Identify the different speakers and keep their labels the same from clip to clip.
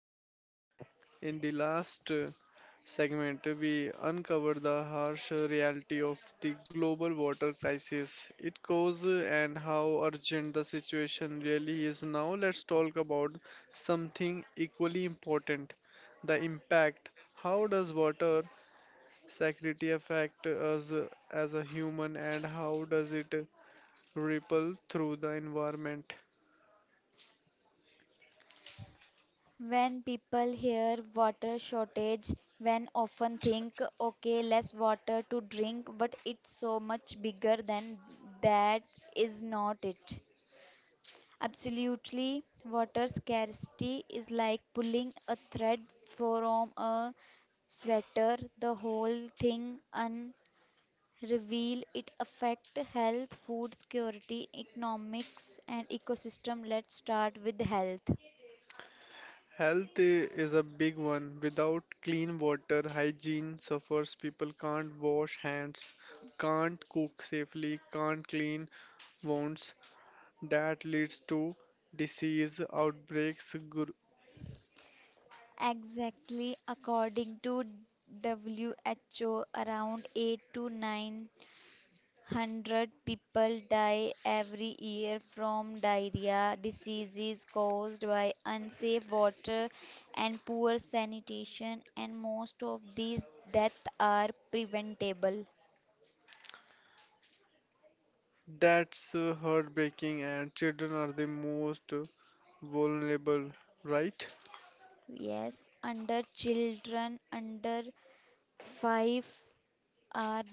Speaker 1: Change. In the last segment, we uncovered the harsh reality of the global water crisis, its cause, and how urgent the situation really is. Now, let's talk about something equally important, the impact. How does water security affect us as a human, and how does it ripple through the environment?
Speaker 2: When people hear water shortage, when often think, okay, less water to drink, but it's so much bigger than that, is not it? Absolutely, water scarcity is like pulling a thread from a sweater. The whole thing unreveal it affect health, food security, economics, and ecosystem. Let's start with health.
Speaker 1: Health is a big one. Without clean water, hygiene suffers. People can't wash hands, can't cook safely, can't clean wounds. That leads to disease outbreaks.
Speaker 2: Exactly, according to WHO, around 8 to 900 people die every year from diarrhea diseases caused by unsafe water and poor sanitation, and most of these deaths are preventable.
Speaker 1: That's heartbreaking, and children are the most vulnerable, right?
Speaker 2: Yes, under children, under five are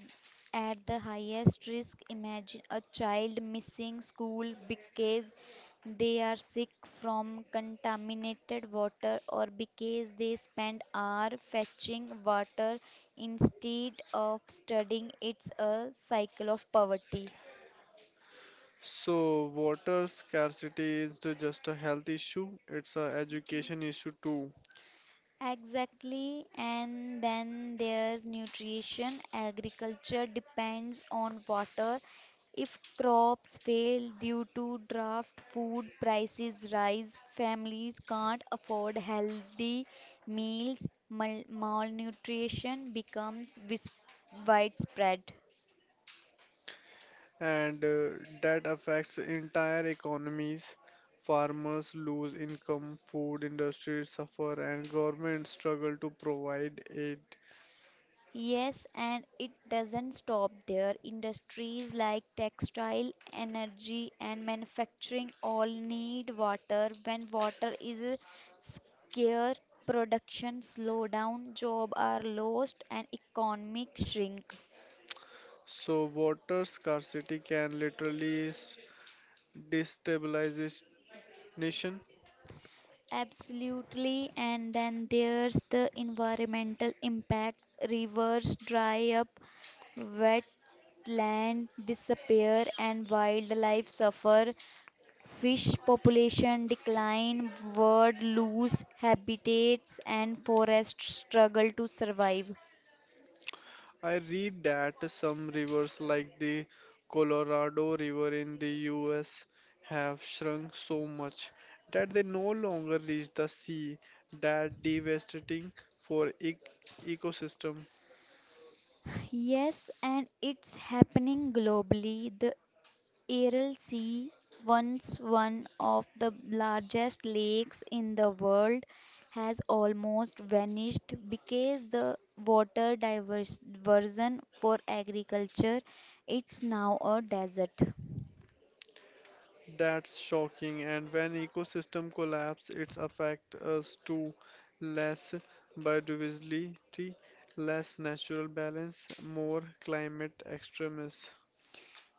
Speaker 2: at the highest risk. Imagine a child missing school because they are sick from contaminated water or because they spend hour fetching water instead of studying. It's a cycle of poverty.
Speaker 1: So, water scarcity is just a health issue, it's an education issue too.
Speaker 2: Exactly, and then there's nutrition. Agriculture depends on water. If crops fail due to drought, food prices rise, families can't afford healthy meals, malnutrition becomes widespread.
Speaker 1: And that affects entire economies. Farmers lose income, food industries suffer, and governments struggle to provide aid.
Speaker 2: Yes, and it doesn't stop there. Industries like textile, energy, and manufacturing all need water. When water is scarce, production slow down, jobs are lost, and economic shrink.
Speaker 1: So water scarcity can literally destabilize this nation.
Speaker 2: Absolutely, and then there's the environmental impact. Rivers dry up, wetland disappear and wildlife suffer. Fish population decline, birds lose habitats, and forests struggle to survive.
Speaker 1: I read that some rivers like the Colorado River in the US have shrunk so much that they no longer reach the sea, that devastating for ecosystem.
Speaker 2: Yes, and it's happening globally. The Aral Sea, once one of the largest lakes in the world, has almost vanished because the water diversion for agriculture. It's now a desert.
Speaker 1: That's shocking, and when ecosystem collapse its affects us too. Less biodiversity, less natural balance, more climate extremes.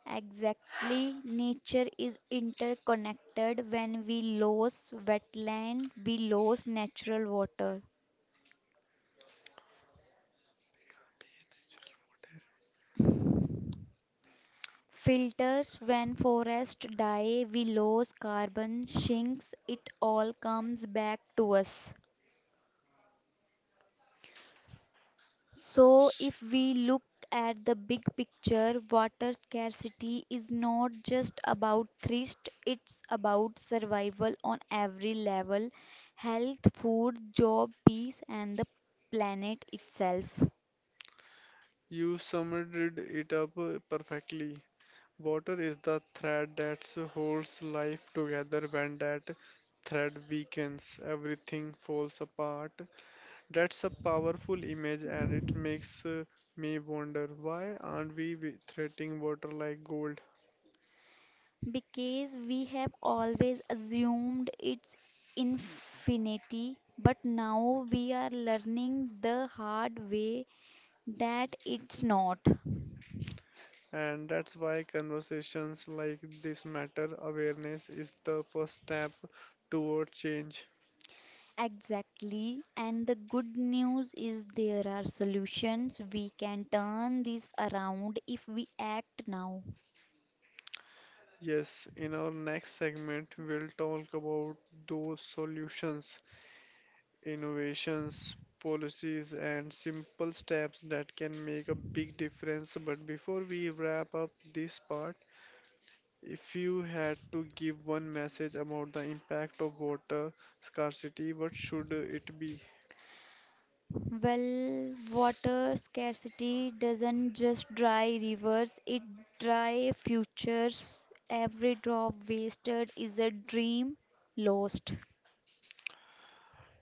Speaker 2: Exactly, nature is interconnected. When we lose wetland, we lose natural water filters. When forests die, we lose carbon sinks. It all comes back to us. So, if we look at the big picture, water scarcity is not just about thirst, it's about survival on every level health, food, job, peace, and the planet itself.
Speaker 1: You summed it up perfectly. Water is the thread that holds life together. When that thread weakens, everything falls apart. That's a powerful image, and it makes me wonder, why aren't we treating water like gold?
Speaker 2: Because we have always assumed it's infinity, but now we are learning the hard way that it's not.
Speaker 1: And that's why conversations like this matter. Awareness is the first step toward change.
Speaker 2: Exactly. And the good news is there are solutions. We can turn this around if we act now.
Speaker 1: Yes, in our next segment, we'll talk about those solutions, innovations, policies, and simple steps that can make a big difference. But before we wrap up this part, if you had to give one message about the impact of water scarcity, what should it be?
Speaker 2: Well, water scarcity doesn't just dry rivers, it dry futures. Every drop wasted is a dream lost.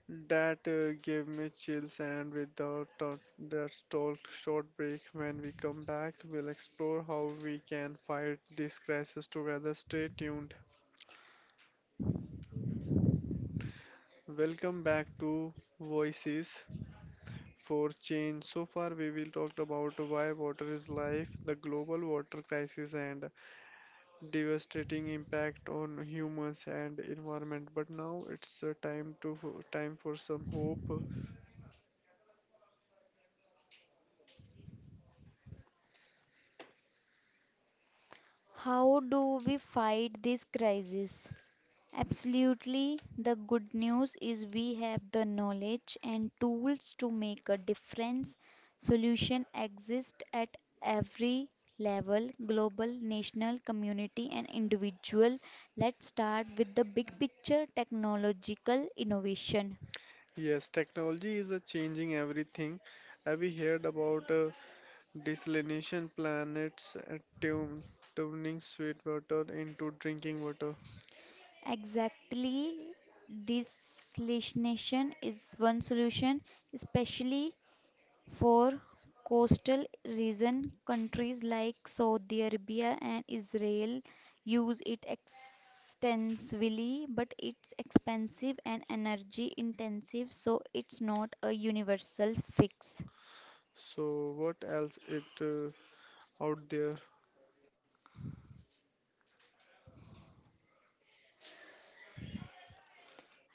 Speaker 1: That gave me chills, and without that stall short break, when we come back, we'll explore how we can fight this crisis together. Stay tuned. Welcome back to Voices, for change. So far, we will talk about why water is life, the global water crisis, and devastating impact on humans and environment. But now it's time for some hope.
Speaker 2: How do we fight this crisis? Absolutely. The good news is we have the knowledge and tools to make a difference. Solution exist at every level, global, national, community and individual. Let's start with the big picture technological innovation.
Speaker 1: Yes, technology is changing everything. Have you heard about desalination plants, turning sweet water into drinking water?
Speaker 2: Exactly, desalination is one solution, especially for coastal region, countries like Saudi Arabia and Israel use it extensively, but it's expensive and energy intensive, so it's not a universal fix.
Speaker 1: So what else it out there?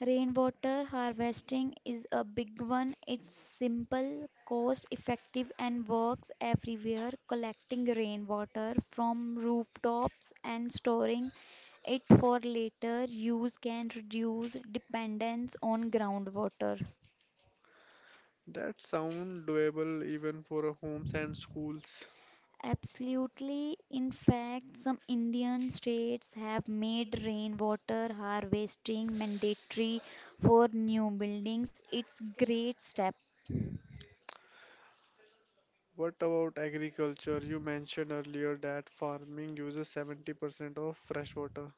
Speaker 2: Rainwater harvesting is a big one. It's simple, cost effective, and works everywhere. Collecting rainwater from rooftops and storing it for later use can reduce dependence on groundwater.
Speaker 1: That sound doable even for homes and schools.
Speaker 2: Absolutely. In fact, some Indian states have made rainwater harvesting mandatory for new buildings. It's great step.
Speaker 1: What about agriculture? You mentioned earlier that farming uses 70% of fresh water.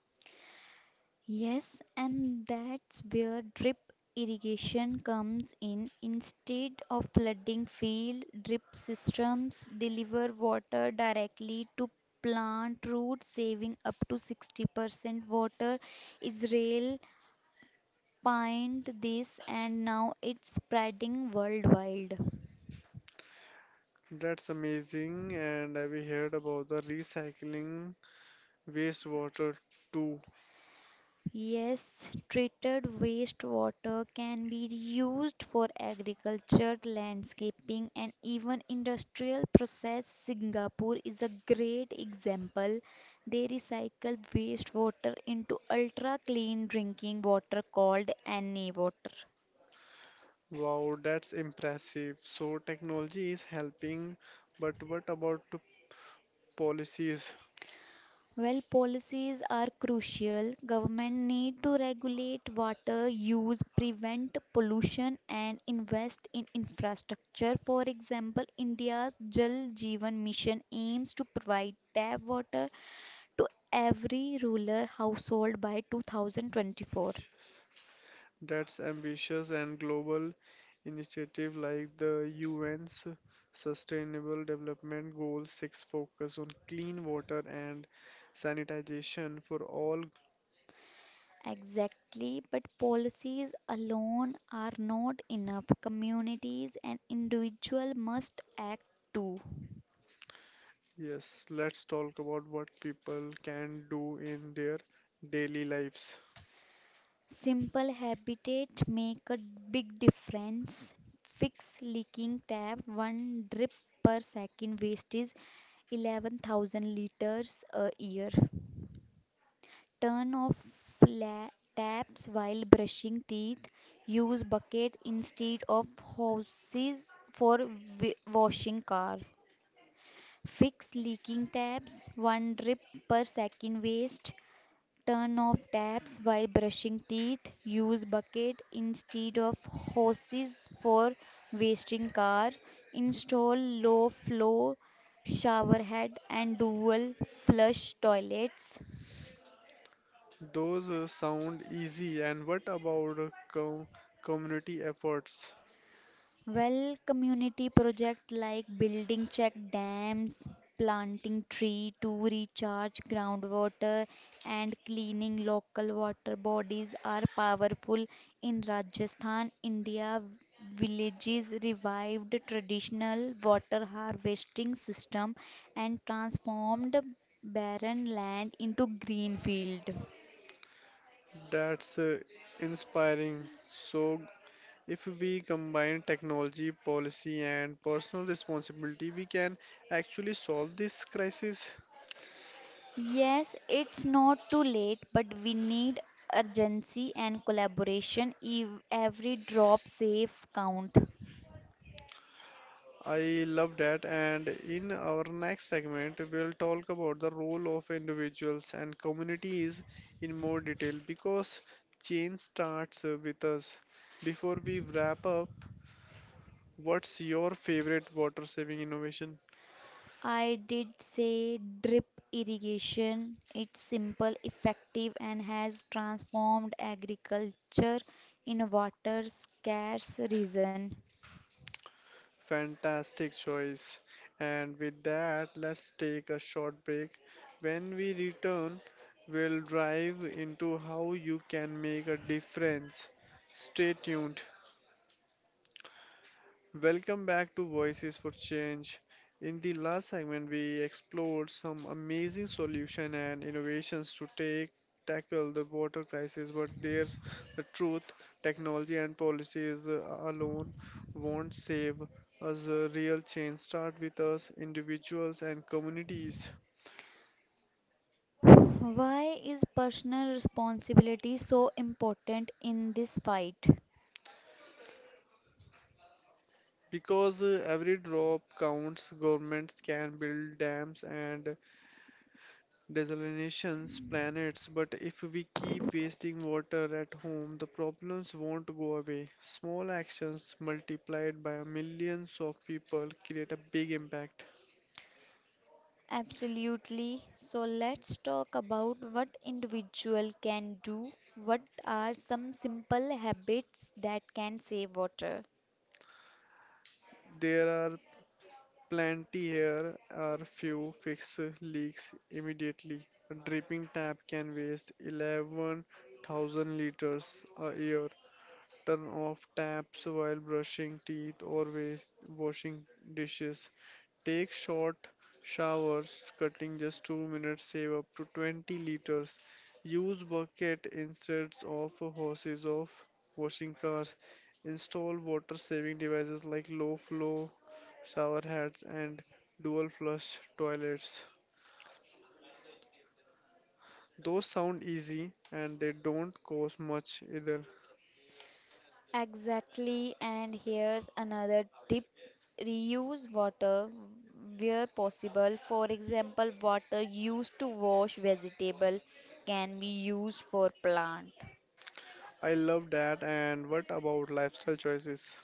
Speaker 2: Yes, and that's where drip irrigation comes in. Instead of flooding field, drip systems deliver water directly to plant roots, saving up to 60% water. Israel pioneered this and now it's spreading worldwide.
Speaker 1: That's amazing, and have you heard about the recycling wastewater too?
Speaker 2: Yes, treated wastewater can be used for agriculture, landscaping, and even industrial process. Singapore is a great example. They recycle wastewater into ultra clean drinking water called NA water.
Speaker 1: Wow, that's impressive. So technology is helping, but what about the policies?
Speaker 2: Well, policies are crucial. Government need to regulate water use, prevent pollution, and invest in infrastructure. For example, India's Jal Jeevan Mission aims to provide tap water to every rural household by 2024.
Speaker 1: That's ambitious, and global initiative like the UN's Sustainable Development Goals 6 focus on clean water and sanitization for all.
Speaker 2: Exactly, but policies alone are not enough. Communities and individuals must act too.
Speaker 1: Yes, let's talk about what people can do in their daily lives.
Speaker 2: Simple habitat make a big difference. Fix leaking tap, one drip per second waste is 11,000 liters a year. Turn off la- taps while brushing teeth. Use bucket instead of hoses for washing car. Fix leaking taps, one drip per second waste. Turn off taps while brushing teeth. Use bucket instead of hoses for wasting car. Install low flow shower head and dual flush toilets.
Speaker 1: Those sound easy. And what about community efforts?
Speaker 2: Well, community project like building check dams, planting tree to recharge groundwater, and cleaning local water bodies are powerful. In Rajasthan, India, villages revived traditional water harvesting system and transformed barren land into green field.
Speaker 1: That's inspiring. So if we combine technology, policy, and personal responsibility, we can actually solve this crisis.
Speaker 2: Yes, it's not too late, but we need urgency and collaboration. Every drop safe count.
Speaker 1: I love that. And in our next segment, we'll talk about the role of individuals and communities in more detail, because change starts with us. Before we wrap up, what's your favorite water saving innovation?
Speaker 2: I did say drip irrigation. It's simple, effective, and has transformed agriculture in a water scarce region.
Speaker 1: Fantastic choice. And with that, let's take a short break. When we return, we'll dive into how you can make a difference. Stay tuned. Welcome back to Voices for Change. In the last segment, we explored some amazing solutions and innovations to take tackle the water crisis. But there's the truth: technology and policies alone won't save us. A real change start with us, individuals and communities.
Speaker 2: Why is personal responsibility so important in this fight?
Speaker 1: Because every drop counts, governments can build dams and desalinations planets, but if we keep wasting water at home the problems won't go away. Small actions multiplied by millions of people create a big impact.
Speaker 2: Absolutely. So let's talk about what individual can do. What are some simple habits that can save water?
Speaker 1: There are plenty, here are few. Fix leaks immediately, a dripping tap can waste 11,000 liters a year. Turn off taps while brushing teeth or waste, washing dishes. Take short showers, cutting just 2 minutes, save up to 20 liters. Use bucket instead of hoses of washing cars. Install water saving devices like low flow shower heads and dual flush toilets. Those sound easy, and they don't cost much either.
Speaker 2: Exactly, and here's another tip. Reuse water where possible. For example, water used to wash vegetable can be used for plant.
Speaker 1: I love that. And what about lifestyle choices?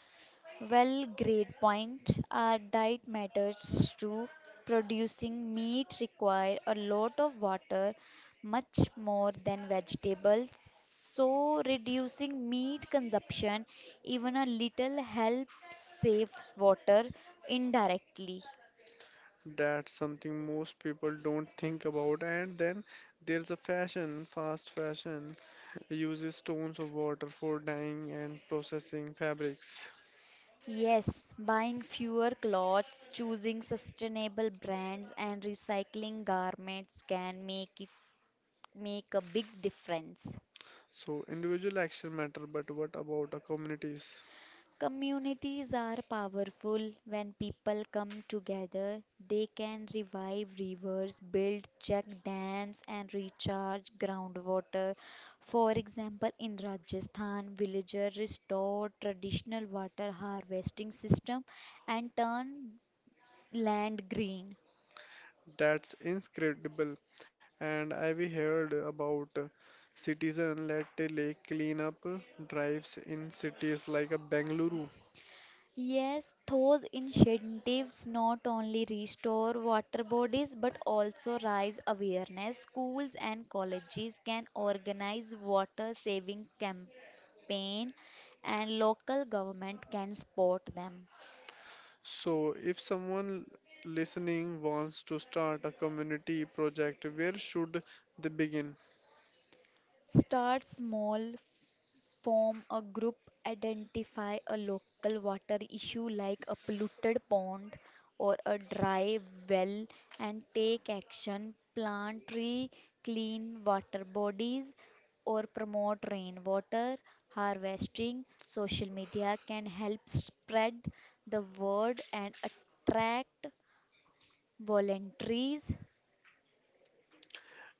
Speaker 2: Well, great point. Our diet matters too. Producing meat require a lot of water, much more than vegetables. So reducing meat consumption even a little helps save water indirectly.
Speaker 1: That's something most people don't think about. And then there's a fashion, fast fashion, uses tons of water for dyeing and processing fabrics.
Speaker 2: Yes, buying fewer clothes, choosing sustainable brands and recycling garments can make a big difference.
Speaker 1: So individual action matter, but what about the communities?
Speaker 2: Communities are powerful when people come together. They can revive rivers, build check dams, and recharge groundwater. For example, in Rajasthan, villagers restored traditional water harvesting system and turned land green.
Speaker 1: That's incredible. And I've heard about citizen-led lake cleanup drives in cities like Bengaluru.
Speaker 2: Yes, those initiatives not only restore water bodies but also raise awareness. Schools and colleges can organize water saving campaign and local government can support them.
Speaker 1: So, if someone listening wants to start a community project, where should they begin?
Speaker 2: Start small, form a group, identify a local water issue like a polluted pond or a dry well and take action. Plant tree, clean water bodies or promote rainwater harvesting. Social media can help spread the word and attract volunteers.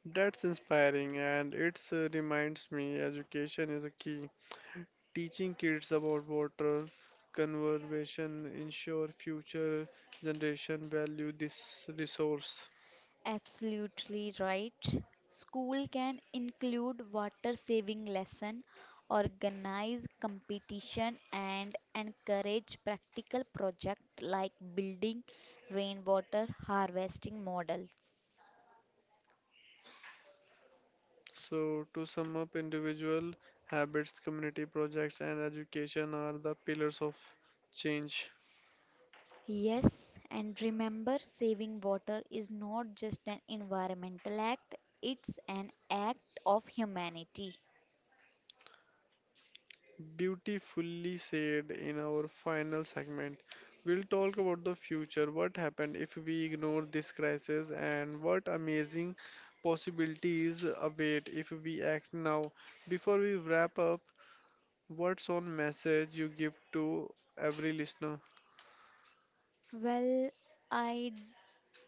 Speaker 1: That's inspiring, and it reminds me education is a key. Teaching kids about water conservation ensure future generation value this resource.
Speaker 2: Absolutely right. School can include water saving lesson, organize competition and encourage practical project like building rainwater harvesting models.
Speaker 1: So, to sum up, individual habits, community projects, and education are the pillars of change.
Speaker 2: Yes, and remember saving water is not just an environmental act, it's an act of humanity.
Speaker 1: Beautifully said. In our final segment, we'll talk about the future, what happened if we ignore this crisis, and what amazing possibilities await if we act now. Before we wrap up, what's one message you give to every listener?
Speaker 2: Well, I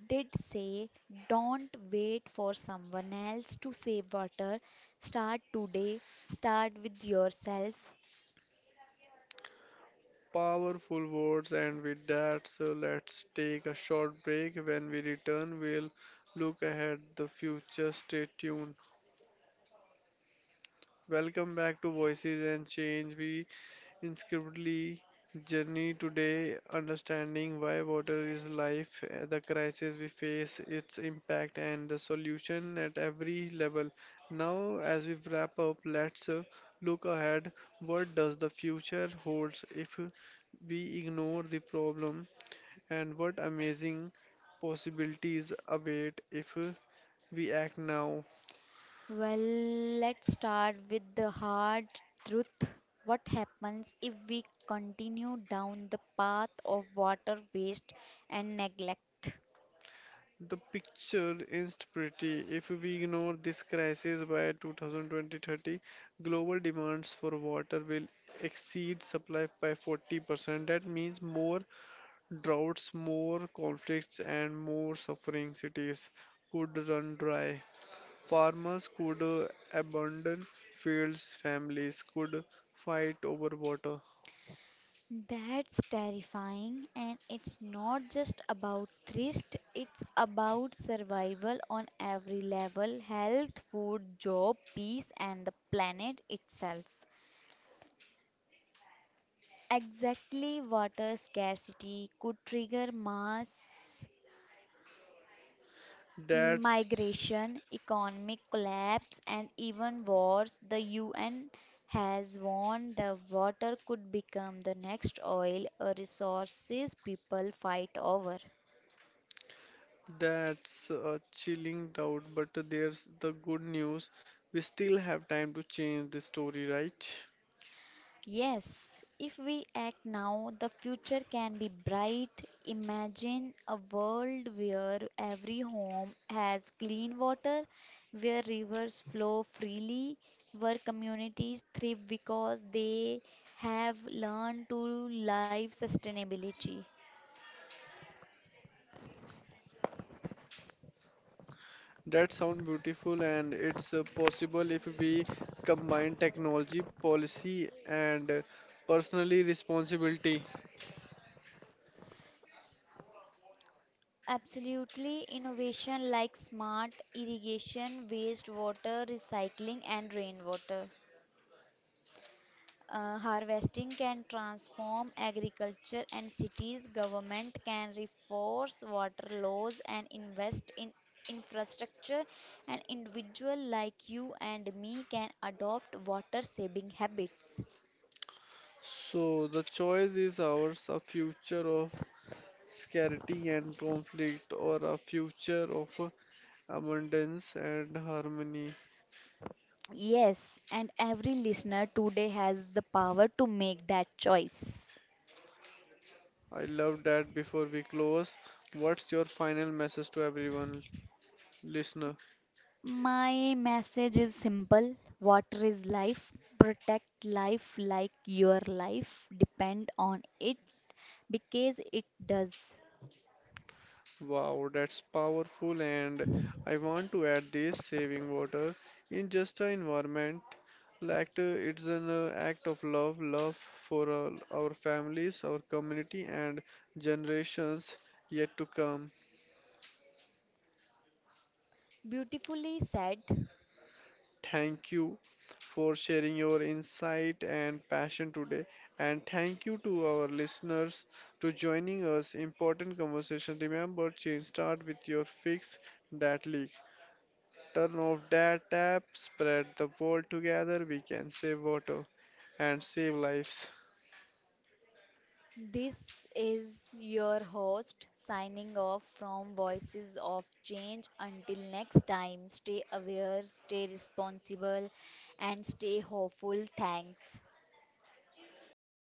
Speaker 2: did say, don't wait for someone else to save water. Start today. Start with yourself.
Speaker 1: Powerful words, and with that, so let's take a short break. When we return, we'll look ahead the future. Stay tuned. Welcome back to Voices and Change. We Inscriptively journey today, understanding why water is life, the crisis we face, its impact, and the solution at every level. Now, as we wrap up, let's look ahead. What does the future holds if we ignore the problem, and what amazing possibilities await if we act now?
Speaker 2: Well, let's start with the hard truth. What happens if we continue down the path of water waste and neglect?
Speaker 1: The picture is not pretty. If we ignore this crisis by 2020-30, global demands for water will exceed supply by 40%. That means more droughts, more conflicts, and more suffering. Cities could run dry. Farmers could abandon fields. Families could fight over water.
Speaker 2: That's terrifying, and it's not just about thrift, it's about survival on every level health, food, job, peace, and the planet itself. Exactly, water scarcity could trigger mass
Speaker 1: That's
Speaker 2: migration, economic collapse, and even wars. The UN has warned the water could become the next oil, a resources people fight over.
Speaker 1: That's a chilling doubt, but there's the good news. We still have time to change the story, right?
Speaker 2: Yes, if we act now, the future can be bright. Imagine a world where every home has clean water, where rivers flow freely, where communities thrive because they have learned to live sustainability.
Speaker 1: That sounds beautiful, and it's possible if we combine technology, policy, and personally responsibility.
Speaker 2: Absolutely, innovation like smart irrigation, wastewater recycling, and rainwater. Harvesting can transform agriculture and cities. Government can reforce water laws and invest in infrastructure. And individual like you and me can adopt water saving habits.
Speaker 1: So the choice is ours: a future of scarcity and conflict, or a future of abundance and harmony.
Speaker 2: Yes, and every listener today has the power to make that choice.
Speaker 1: I love that. Before we close, what's your final message to everyone listener?
Speaker 2: My message is simple water is life. Protect life like your life depend on it because it does.
Speaker 1: Wow, that's powerful, and I want to add this, saving water in just an environment like , it's an act of love, love for all our families, our community, and generations yet to come.
Speaker 2: Beautifully said.
Speaker 1: Thank you for sharing your insight and passion today. And thank you to our listeners to joining us. Important conversation. Remember, change start with your, fix that leak. Turn off that tap, spread the word. Together, we can save water and save lives.
Speaker 2: This is your host signing off from Voices of Change. Until next time, stay aware, stay responsible, and stay hopeful. Thanks.